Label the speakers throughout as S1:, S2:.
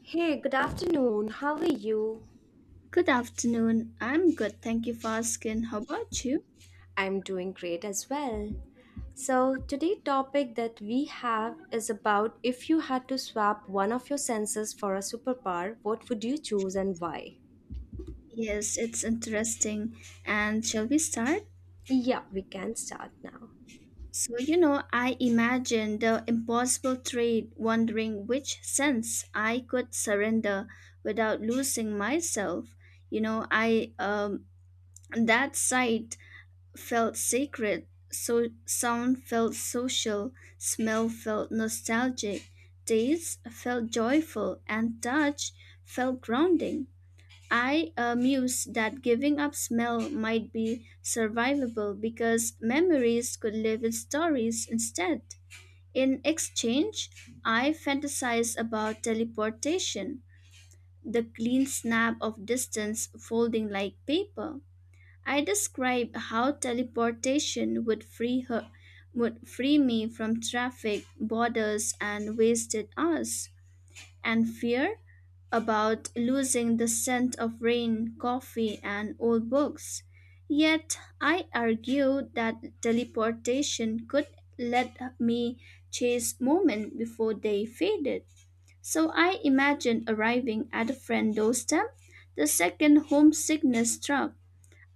S1: Hey, good afternoon. How are you?
S2: Good afternoon. I'm good. Thank you for asking. How about you?
S1: I'm doing great as well. So, today topic that we have is about if you had to swap one of your senses for a superpower, what would you choose and why?
S2: Yes, it's interesting. And shall we start?
S1: Yeah, we can start now.
S2: So, you know, I imagined the impossible trade, wondering which sense I could surrender without losing myself. You know, I That sight felt sacred, so sound felt social, smell felt nostalgic, taste felt joyful, and touch felt grounding. I mused that giving up smell might be survivable because memories could live in stories instead. In exchange, I fantasized about teleportation, the clean snap of distance folding like paper. I described how teleportation would free her would free me from traffic, borders and wasted hours. And fear? About losing the scent of rain, coffee, and old books. Yet I argued that teleportation could let me chase moments before they faded. So I imagined arriving at a friend's doorstep the second homesickness struck.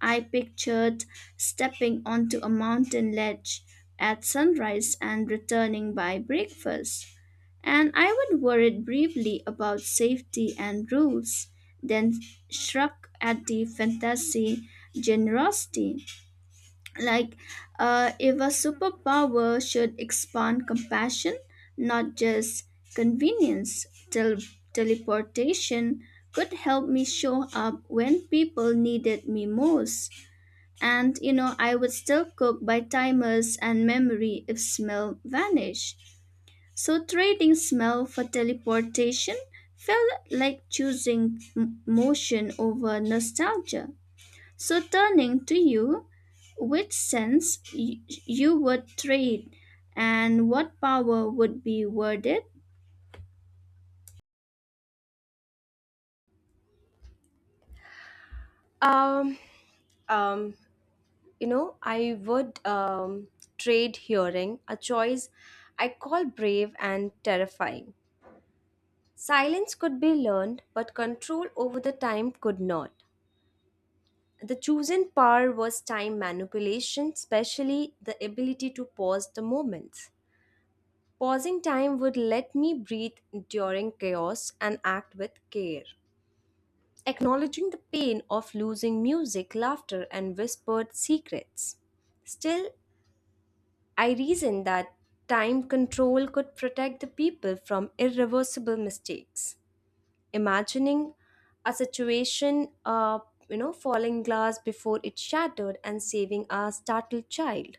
S2: I pictured stepping onto a mountain ledge at sunrise and returning by breakfast, and I would worried briefly about safety and rules, then struck at the fantasy generosity. Like, if a superpower should expand compassion, not just convenience, teleportation could help me show up when people needed me most. And you know, I would still cook by timers and memory if smell vanished. So, trading smell for teleportation felt like choosing motion over nostalgia. So, turning to you, which sense you would trade, and what power would be worth it?
S1: Um, um, I would trade hearing, a choice I call brave and terrifying. Silence could be learned, but control over the time could not. The chosen power was time manipulation, especially the ability to pause the moments. Pausing time would let me breathe during chaos and act with care, acknowledging the pain of losing music, laughter, and whispered secrets. Still, I reasoned that time control could protect the people from irreversible mistakes. Imagining a situation falling glass before it shattered and saving a startled child,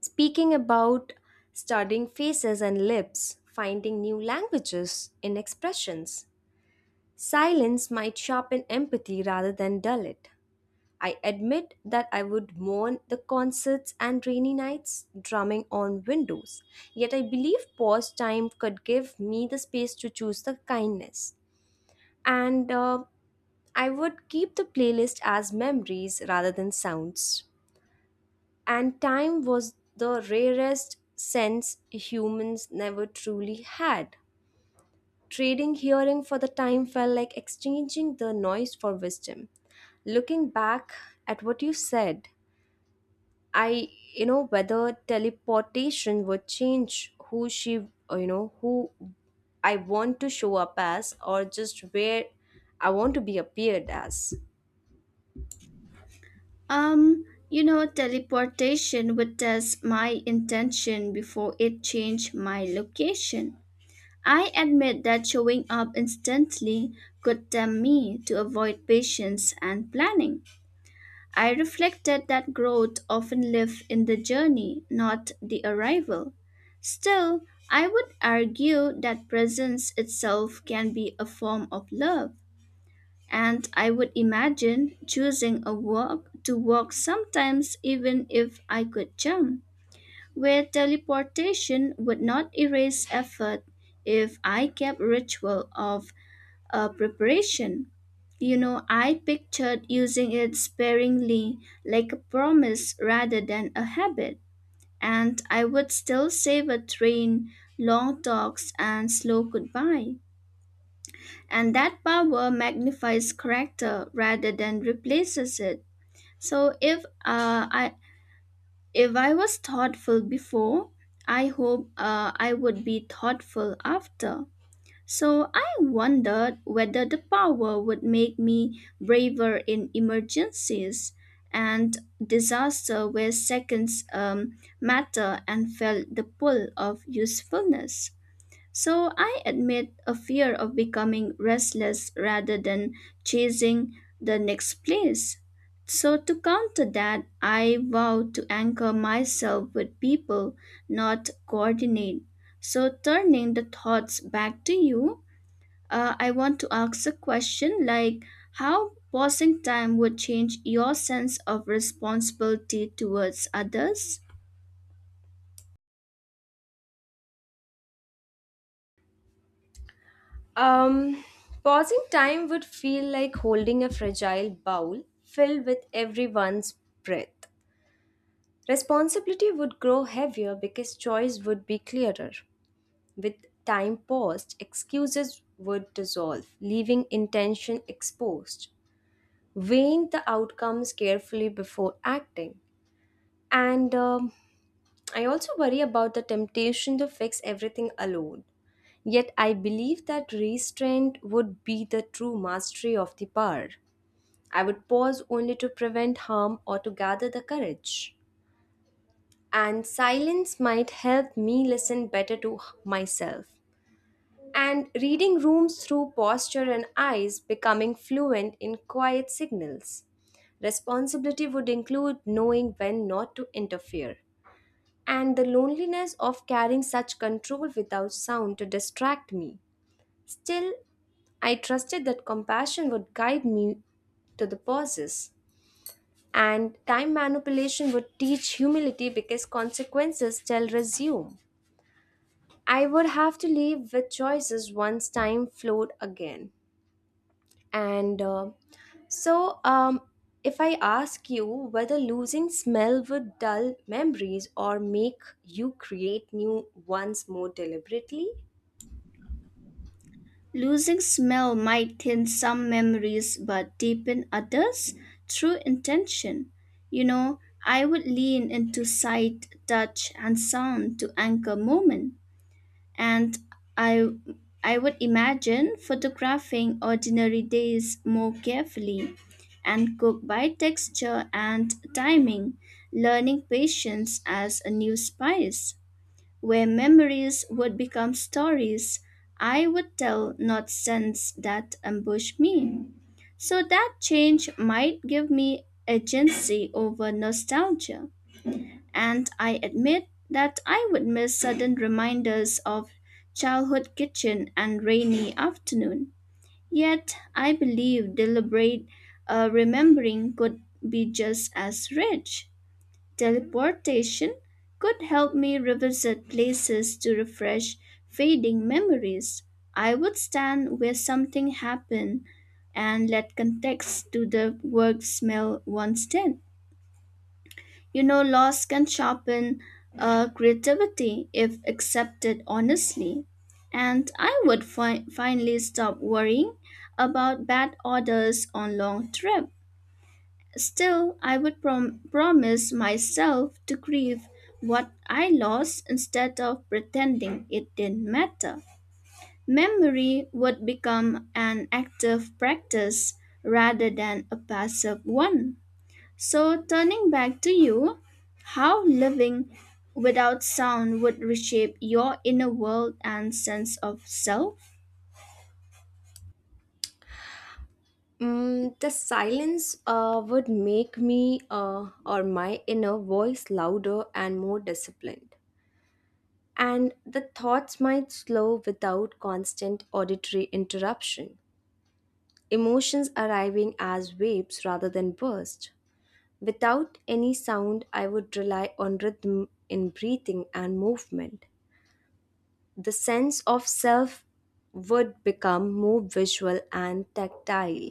S1: speaking about studying faces and lips, finding new languages in expressions. Silence might sharpen empathy rather than dull it. I admit that I would mourn the concerts and rainy nights drumming on windows. Yet I believe pause time could give me the space to choose the kindness, and I would keep the playlist as memories rather than sounds. And time was the rarest sense humans never truly had. Trading hearing for the time felt like exchanging the noise for wisdom. Looking back at what you said, I, whether teleportation would change who she, or, who I want to show up as or just where I want to be appeared as.
S2: Um, you know, teleportation would test my intention before it changed my location. I admit that showing up instantly could tempt me to avoid patience and planning. I reflected that growth often lives in the journey, not the arrival. Still, I would argue that presence itself can be a form of love, and I would imagine choosing a walk to walk sometimes even if I could jump, where teleportation would not erase effort if I kept ritual of preparation. You know, I pictured using it sparingly, like a promise rather than a habit, and I would still savor train, long talks, and slow goodbye. And that power magnifies character rather than replaces it. So if uh, I I was thoughtful before, I hope I would be thoughtful after. So I wondered whether the power would make me braver in emergencies and disaster where seconds matter, and felt the pull of usefulness. So I admit a fear of becoming restless rather than chasing the next place. So to counter that, I vow to anchor myself with people, not coordinate. So turning the thoughts back to you, I want to ask a question, like how passing time would change your sense of responsibility towards others?
S1: Um, pausing time would feel like holding a fragile bowl filled with everyone's breath. Responsibility would grow heavier because choice would be clearer. With time paused, excuses would dissolve, leaving intention exposed. Weighing the outcomes carefully before acting. And I also worry about the temptation to fix everything alone. Yet I believe that restraint would be the true mastery of the power. I would pause only to prevent harm or to gather the courage. And silence might help me listen better to myself. And reading rooms through posture and eyes, becoming fluent in quiet signals. Responsibility would include knowing when not to interfere and the loneliness of carrying such control without sound to distract me. Still, I trusted that compassion would guide me to the pauses. And time manipulation would teach humility because consequences still resume. I would have to live with choices once time flowed again. And uh, so, um, if I ask you whether losing smell would dull memories or make you create new ones more deliberately,
S2: Losing smell might thin some memories but deepen others through intention. You know, I would lean into sight, touch, and sound to anchor moment, and I I would imagine photographing ordinary days more carefully and cook by texture and timing, learning patience as a new spice, where memories would become stories I would tell, not sense that ambush me. So that change might give me agency over nostalgia, and I admit that I would miss sudden reminders of childhood kitchen and rainy afternoon. Yet I believe deliberate remembering could be just as rich. Teleportation could help me revisit places to refresh fading memories. I would stand where something happened and let context to the work smell once did. You know, loss can sharpen creativity if accepted honestly. And I would finally stop worrying about bad orders on long trip. Still, I would promise myself to grieve what I lost instead of pretending it didn't matter. Memory would become an active practice rather than a passive one. So, turning back to you, how living without sound would reshape your inner world and sense of self?
S1: The silence would make me or my inner voice louder and more disciplined. And the thoughts might slow without constant auditory interruption, emotions arriving as waves rather than bursts. Without any sound, I would rely on rhythm in breathing and movement. The sense of self would become more visual and tactile.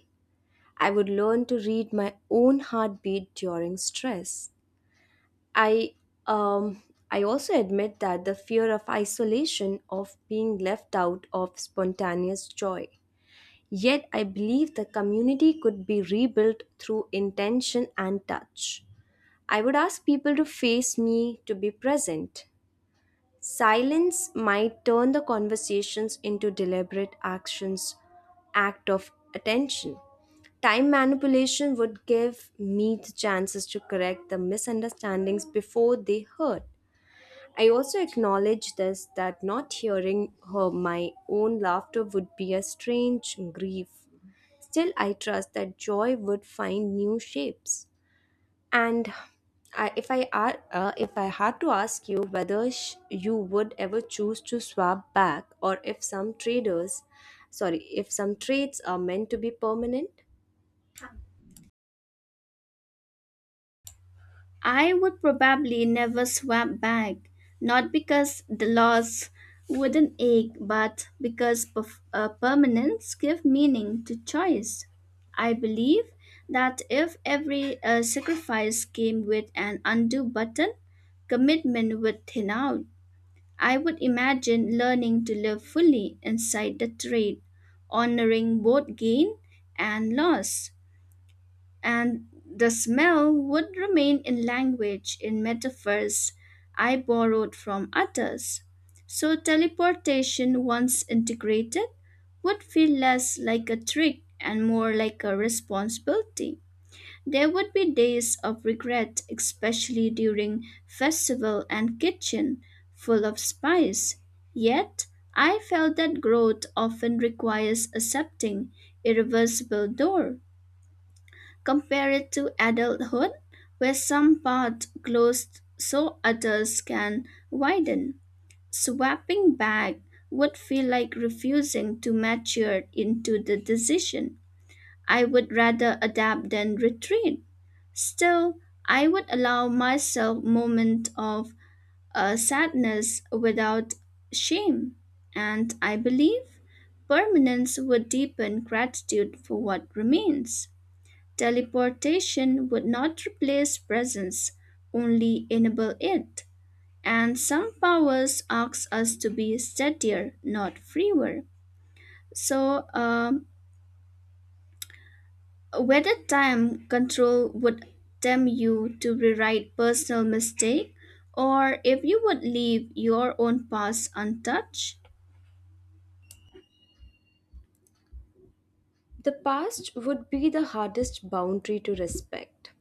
S1: I would learn to read my own heartbeat during stress. I um I also admit that the fear of isolation of being left out of spontaneous joy. Yet I believe the community could be rebuilt through intention and touch. I would ask people to face me to be present. Silence might turn the conversations into deliberate actions, act of attention. Time manipulation would give me the chances to correct the misunderstandings before they hurt. I also acknowledge this that not hearing her my own laughter would be a strange grief. Still, I trust that joy would find new shapes. And I, if I are, if I had to ask you whether you would ever choose to swap back, or if some traders, sorry, if some trades are meant to be permanent,
S2: I would probably never swap back, not because the loss wouldn't ache, but because permanence give meaning to choice. I believe that if every sacrifice came with an undo button, commitment would thin out. I would imagine learning to live fully inside the trade, honoring both gain and loss. And the smell would remain in language, in metaphors I borrowed from others. So teleportation, once integrated, would feel less like a trick and more like a responsibility. There would be days of regret, especially during festival and kitchen full of spice. Yet, I felt that growth often requires accepting irreversible door. Compare it to adulthood, where some parts close so others can widen. Swapping back would feel like refusing to mature into the decision. I would rather adapt than retreat. Still, I would allow myself moment of sadness without shame, and I believe permanence would deepen gratitude for what remains. Teleportation would not replace presence, only enable it. And some powers ask us to be steadier, not freer. So, whether time control would tempt you to rewrite personal mistake, or if you would leave your own past untouched.
S1: the past would be the hardest boundary to respect.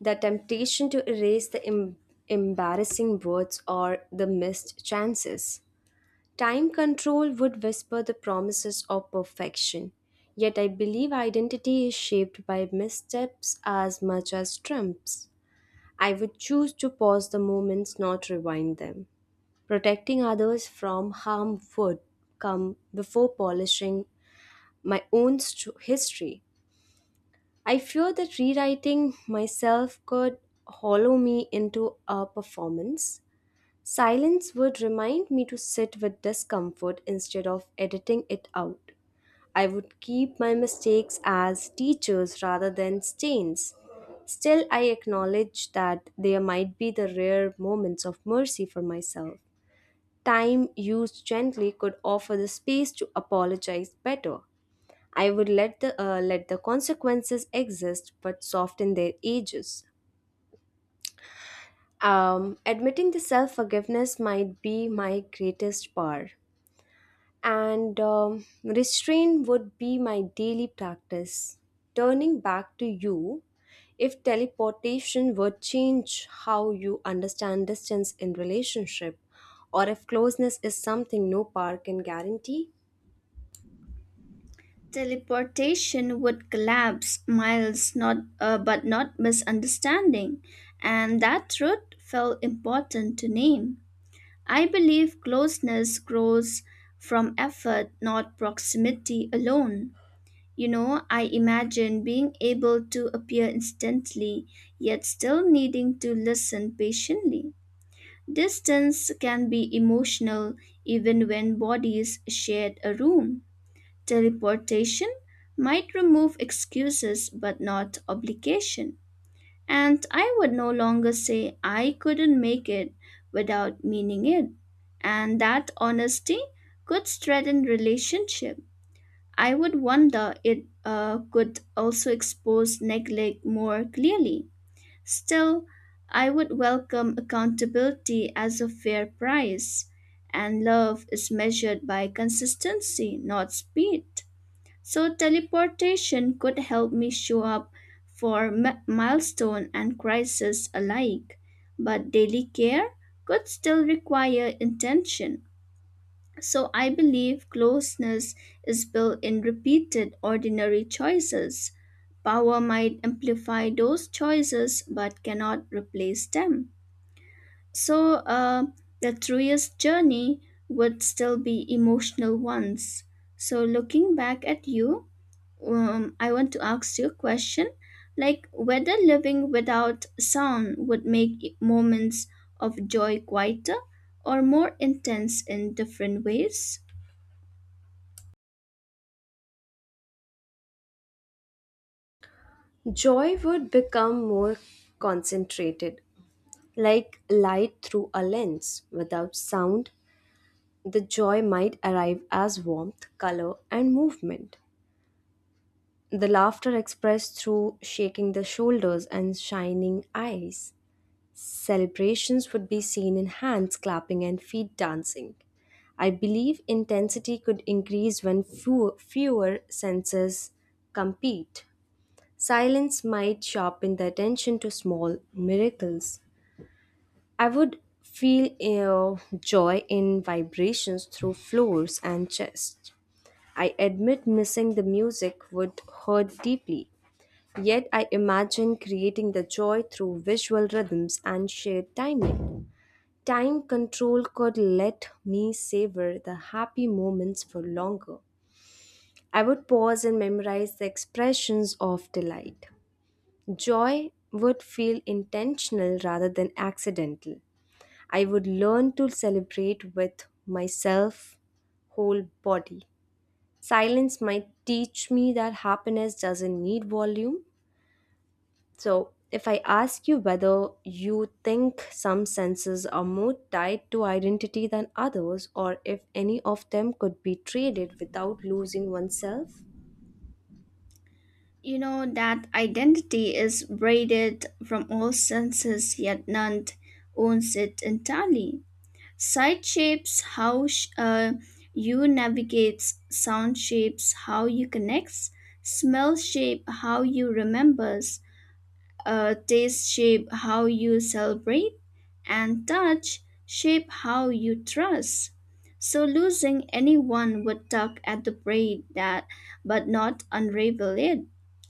S1: The temptation to erase the embarrassing words or the missed chances. Time control would whisper the promises of perfection, yet I believe identity is shaped by missteps as much as trumps. I would choose to pause the moments, not rewind them. Protecting others from harm would come before polishing my own history. I fear that rewriting myself could hollow me into a performance. Silence would remind me to sit with discomfort instead of editing it out. I would keep my mistakes as teachers rather than stains. Still, I acknowledge that there might be the rare moments of mercy for myself. Time used gently could offer the space to apologize better. I would let the consequences exist, but soften their edges. Admitting the self forgiveness might be my greatest power, and restraint would be my daily practice. Turning back to you, if teleportation would change how you understand distance in relationship, or if closeness is something no power can guarantee,
S2: Teleportation would collapse miles, not but not misunderstanding, and that truth felt important to name. I believe closeness grows from effort, not proximity alone. You know, I imagine being able to appear instantly, yet still needing to listen patiently. Distance can be emotional even when bodies shared a room. Teleportation might remove excuses but not obligation. And I would no longer say I couldn't make it without meaning it. And that honesty could strengthen relationship. I would wonder it could also expose neglect more clearly. Still, I would welcome accountability as a fair price, and love is measured by consistency, not speed. So, teleportation could help me show up for milestone and crisis alike, but daily care could still require intention. So I believe closeness is built in repeated ordinary choices. Power might amplify those choices but cannot replace them. So the truest journey would still be emotional ones. So looking back at you, I want to ask you a question, like whether living without sound would make moments of joy quieter or more intense in different ways?
S1: joy would become more concentrated, like light through a lens. Without sound, the joy might arrive as warmth, color, and movement. The laughter expressed through shaking the shoulders and shining eyes. Celebrations would be seen in hands clapping and feet dancing. I believe intensity could increase when fewer senses compete. Silence might sharpen the attention to small miracles. I would feel joy in vibrations through floors and chest. I admit missing the music would hurt deeply. Yet I imagine creating the joy through visual rhythms and shared timing. Time control could let me savor the happy moments for longer. I would pause and memorize the expressions of delight. Joy would feel intentional rather than accidental. I would learn to celebrate with myself, whole body. Silence might teach me that happiness doesn't need volume. So, if I ask you whether you think some senses are more tied to identity than others, or if any of them could be traded without losing oneself,
S2: You know that identity is braided from all senses, yet none owns it entirely. Sight shapes how you navigate, sound shapes how you connect, smell shape how you remember, taste shape how you celebrate, and touch shape how you trust. So losing anyone would tug at the braid that, but not unravel it.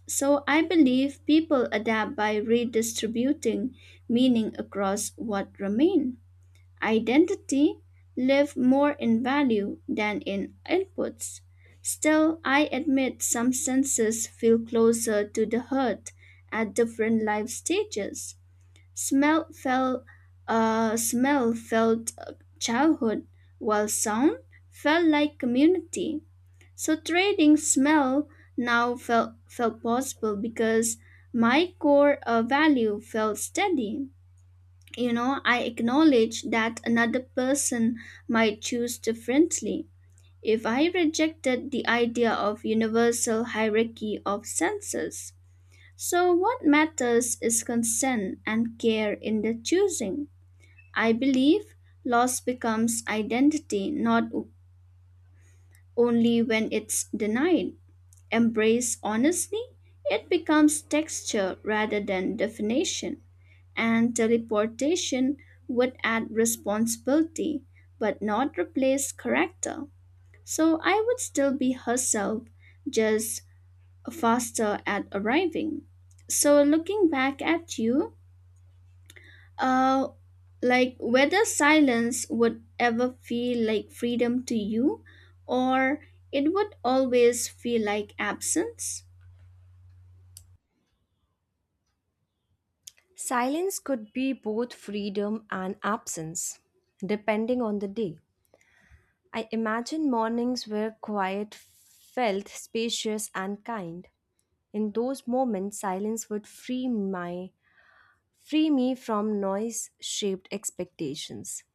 S2: So I believe people adapt by redistributing meaning across what remain. Identity live more in value than in inputs. Still, I admit some senses feel closer to the heart at different life stages. Smell felt, smell felt childhood, while sound felt like community. So trading smell now felt possible because my core value felt steady. You know, I acknowledge that another person might choose differently. If I rejected the idea of universal hierarchy of senses, so what matters is consent and care in the choosing. I believe loss becomes identity not only when it's denied. Embrace honestly, it becomes texture rather than definition, and teleportation would add responsibility but not replace character. So I would still be herself, just faster at arriving. So looking back at you, uh, like whether silence would ever feel like freedom to you, or it would always feel like absence?
S1: silence could be both freedom and absence, depending on the day. I imagine mornings where quiet felt spacious and kind. In those moments, silence would free my free me from noise-shaped expectations.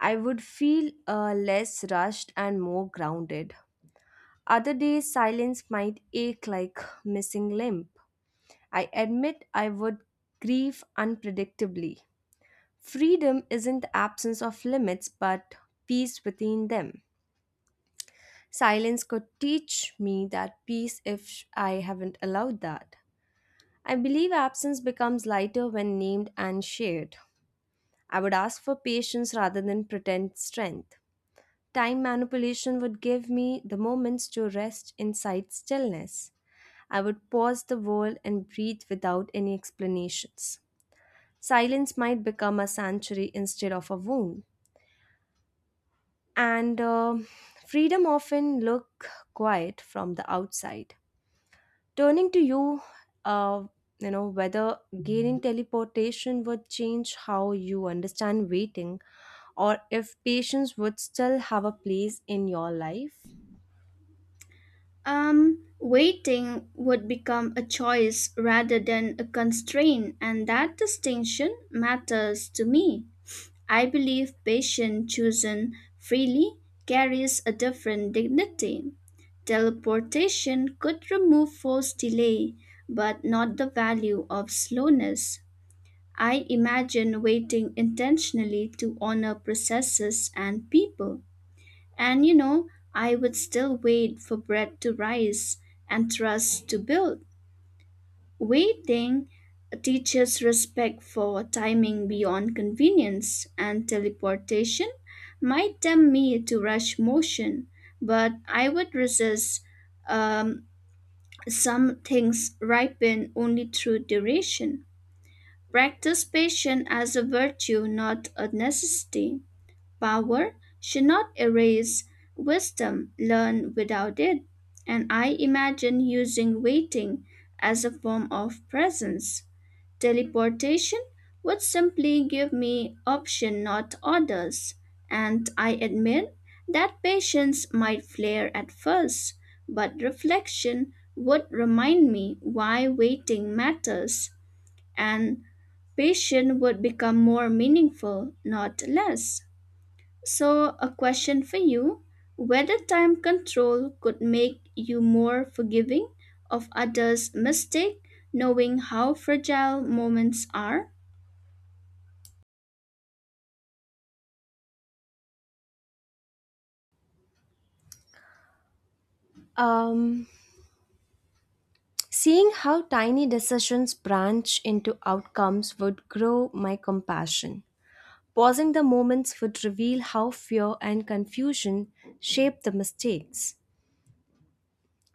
S1: I would feel less rushed and more grounded. Other days, silence might ache like missing limb. I admit I would grieve unpredictably. Freedom isn't the absence of limits, but peace within them. Silence could teach me that peace if I haven't allowed that. I believe absence becomes lighter when named and shared. I would ask for patience rather than pretend strength. Time manipulation would give me the moments to rest inside stillness. I would pause the world and breathe without any explanations. Silence might become a sanctuary instead of a wound. And freedom often look quiet from the outside. Turning to you, uh, you know whether gaining teleportation would change how you understand waiting, or if patience would still have a place in your life.
S2: Waiting would become a choice rather than a constraint, and that distinction matters to me. I believe patience chosen freely carries a different dignity. Teleportation could remove forced delay, but not the value of slowness. I imagine waiting intentionally to honor processes and people. And you know, I would still wait for bread to rise and trust to build. Waiting teaches respect for timing beyond convenience, and teleportation might tempt me to rush motion, but I would resist. Um, some things ripen only through duration. Practice patience as a virtue, not a necessity. Power should not erase wisdom learned without it, and I imagine using waiting as a form of presence. Teleportation would simply give me option not orders, and I admit that patience might flare at first, but reflection would remind me why waiting matters, and patience would become more meaningful, not less. So, a question for you: whether time control could make you more forgiving of others' mistake, knowing how fragile moments are?
S1: Um, Seeing how tiny decisions branch into outcomes would grow my compassion. Pausing the moments would reveal how fear and confusion shape the mistakes.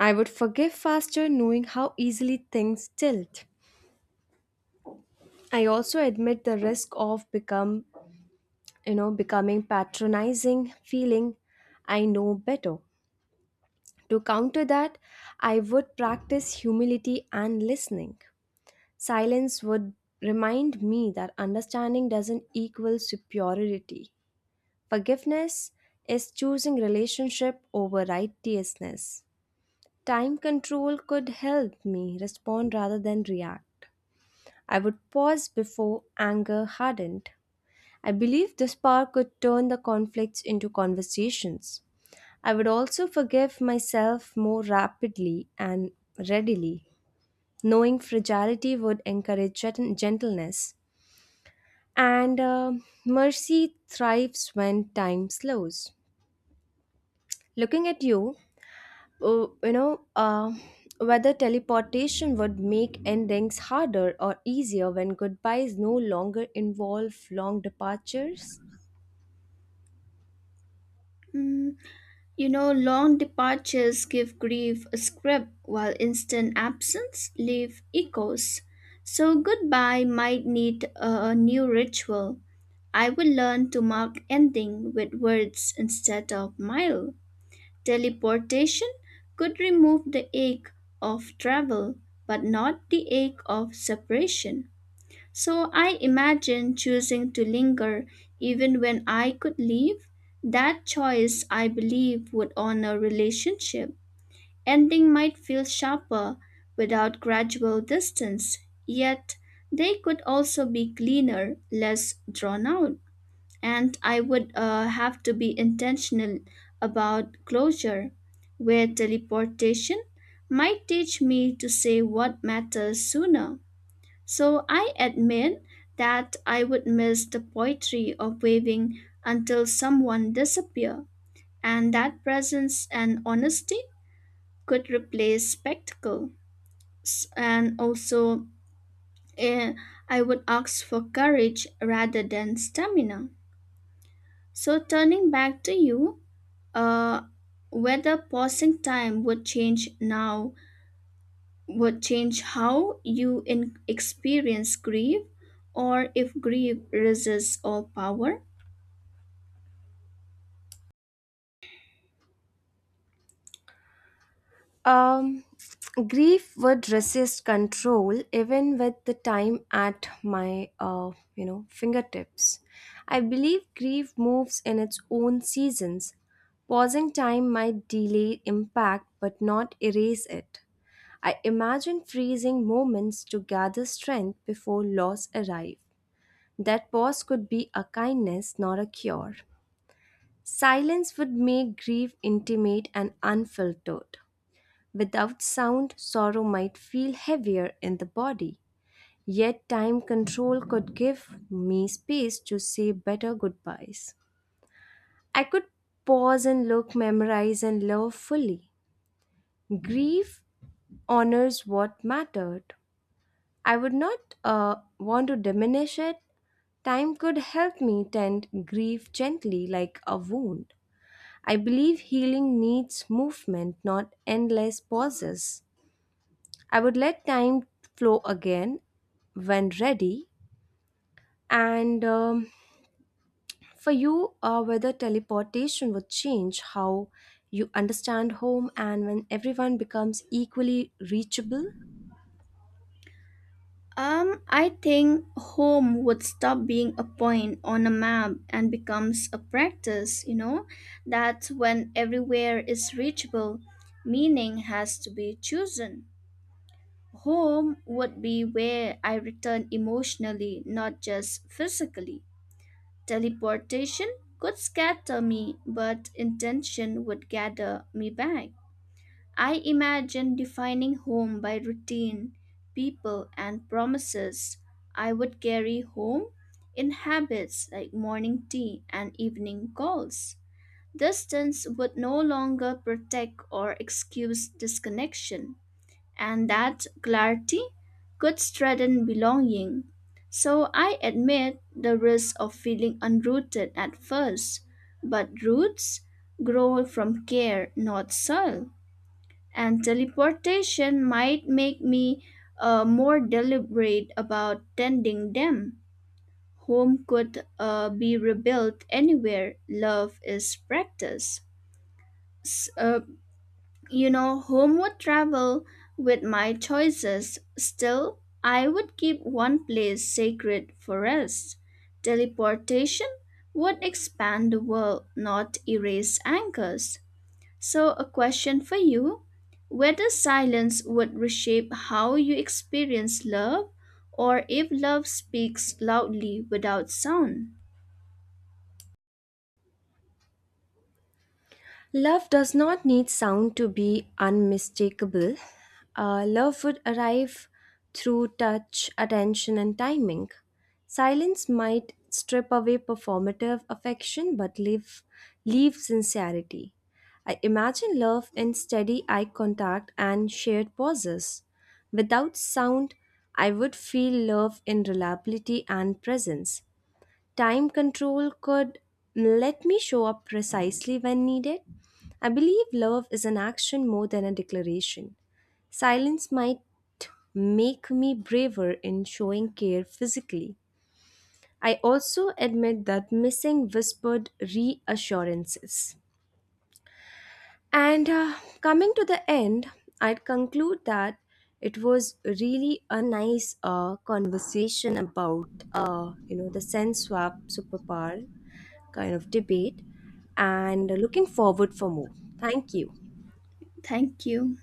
S1: I would forgive faster knowing how easily things tilt. I also admit the risk of becoming patronizing feeling I know better. To counter that, I would practice humility and listening. Silence would remind me that understanding doesn't equal superiority. Forgiveness is choosing relationship over righteousness. Time control could help me respond rather than react. I would pause before anger hardened. I believe this power could turn the conflicts into conversations. I would also forgive myself more rapidly and readily. Knowing fragility would encourage gentleness. And mercy thrives when time slows. Looking at you, uh, you know, uh, whether teleportation would make endings harder or easier when goodbyes no longer involve long departures?
S2: Mm, you know, long departures give grief a script, while instant absence leave echoes. So, goodbye might need a new ritual. I would learn to mark ending with words instead of mile. Teleportation could remove the ache of travel, but not the ache of separation. So I imagine choosing to linger even when I could leave. That choice, I believe, would honor relationship. Ending might feel sharper without gradual distance, yet they could also be cleaner, less drawn out, and I would have to be intentional about closure, where teleportation might teach me to say what matters sooner. So I admit that I would miss the poetry of waving until someone disappear, and that presence and honesty could replace spectacle. And also, eh, I would ask for courage rather than stamina. So turning back to you, uh, whether pausing time would change how you experience grief, or if grief resists all power.
S1: Um, grief would resist control even with the time at my, fingertips. I believe grief moves in its own seasons. Pausing time might delay impact but not erase it. I imagine freezing moments to gather strength before loss arrive. That pause could be a kindness, not a cure. Silence would make grief intimate and unfiltered. Without sound, sorrow might feel heavier in the body. Yet, time control could give me space to say better goodbyes. I could pause and look, memorize, and love fully. Grief honors what mattered. I would not want to diminish it. Time could help me tend grief gently like a wound. I believe healing needs movement, not endless pauses. I would let time flow again when ready. And for you, whether teleportation would change how you understand home and when everyone becomes equally reachable?
S2: I think home would stop being a point on a map and becomes a practice, you know, that when everywhere is reachable, meaning has to be chosen. Home would be where I return emotionally, not just physically. Teleportation could scatter me, but intention would gather me back. I imagine defining home by routine, people, and promises. I would carry home in habits like morning tea and evening calls. Distance would no longer protect or excuse disconnection, and that clarity could strengthen belonging. So I admit the risk of feeling unrooted at first, but roots grow from care, not soil. And teleportation might make me more deliberate about tending them. Home could be rebuilt anywhere. Love is practice. S- uh, you know, home would travel with my choices. Still, I would keep one place sacred for rest. Teleportation would expand the world, not erase anchors. So, a question for you: whether silence would reshape how you experience love, or if love speaks loudly without sound.
S1: Love does not need sound to be unmistakable. Love would arrive through touch, attention, and timing. Silence might strip away performative affection but leave sincerity. I imagine love in steady eye contact and shared pauses. Without sound, I would feel love in reliability and presence. Time control could let me show up precisely when needed. I believe love is an action more than a declaration. Silence might make me braver in showing care physically. I also admit that missing whispered reassurances. And coming to the end, I'd conclude that it was really a nice conversation about the sense swap superpower kind of debate and looking forward for more. Thank you.
S2: Thank you.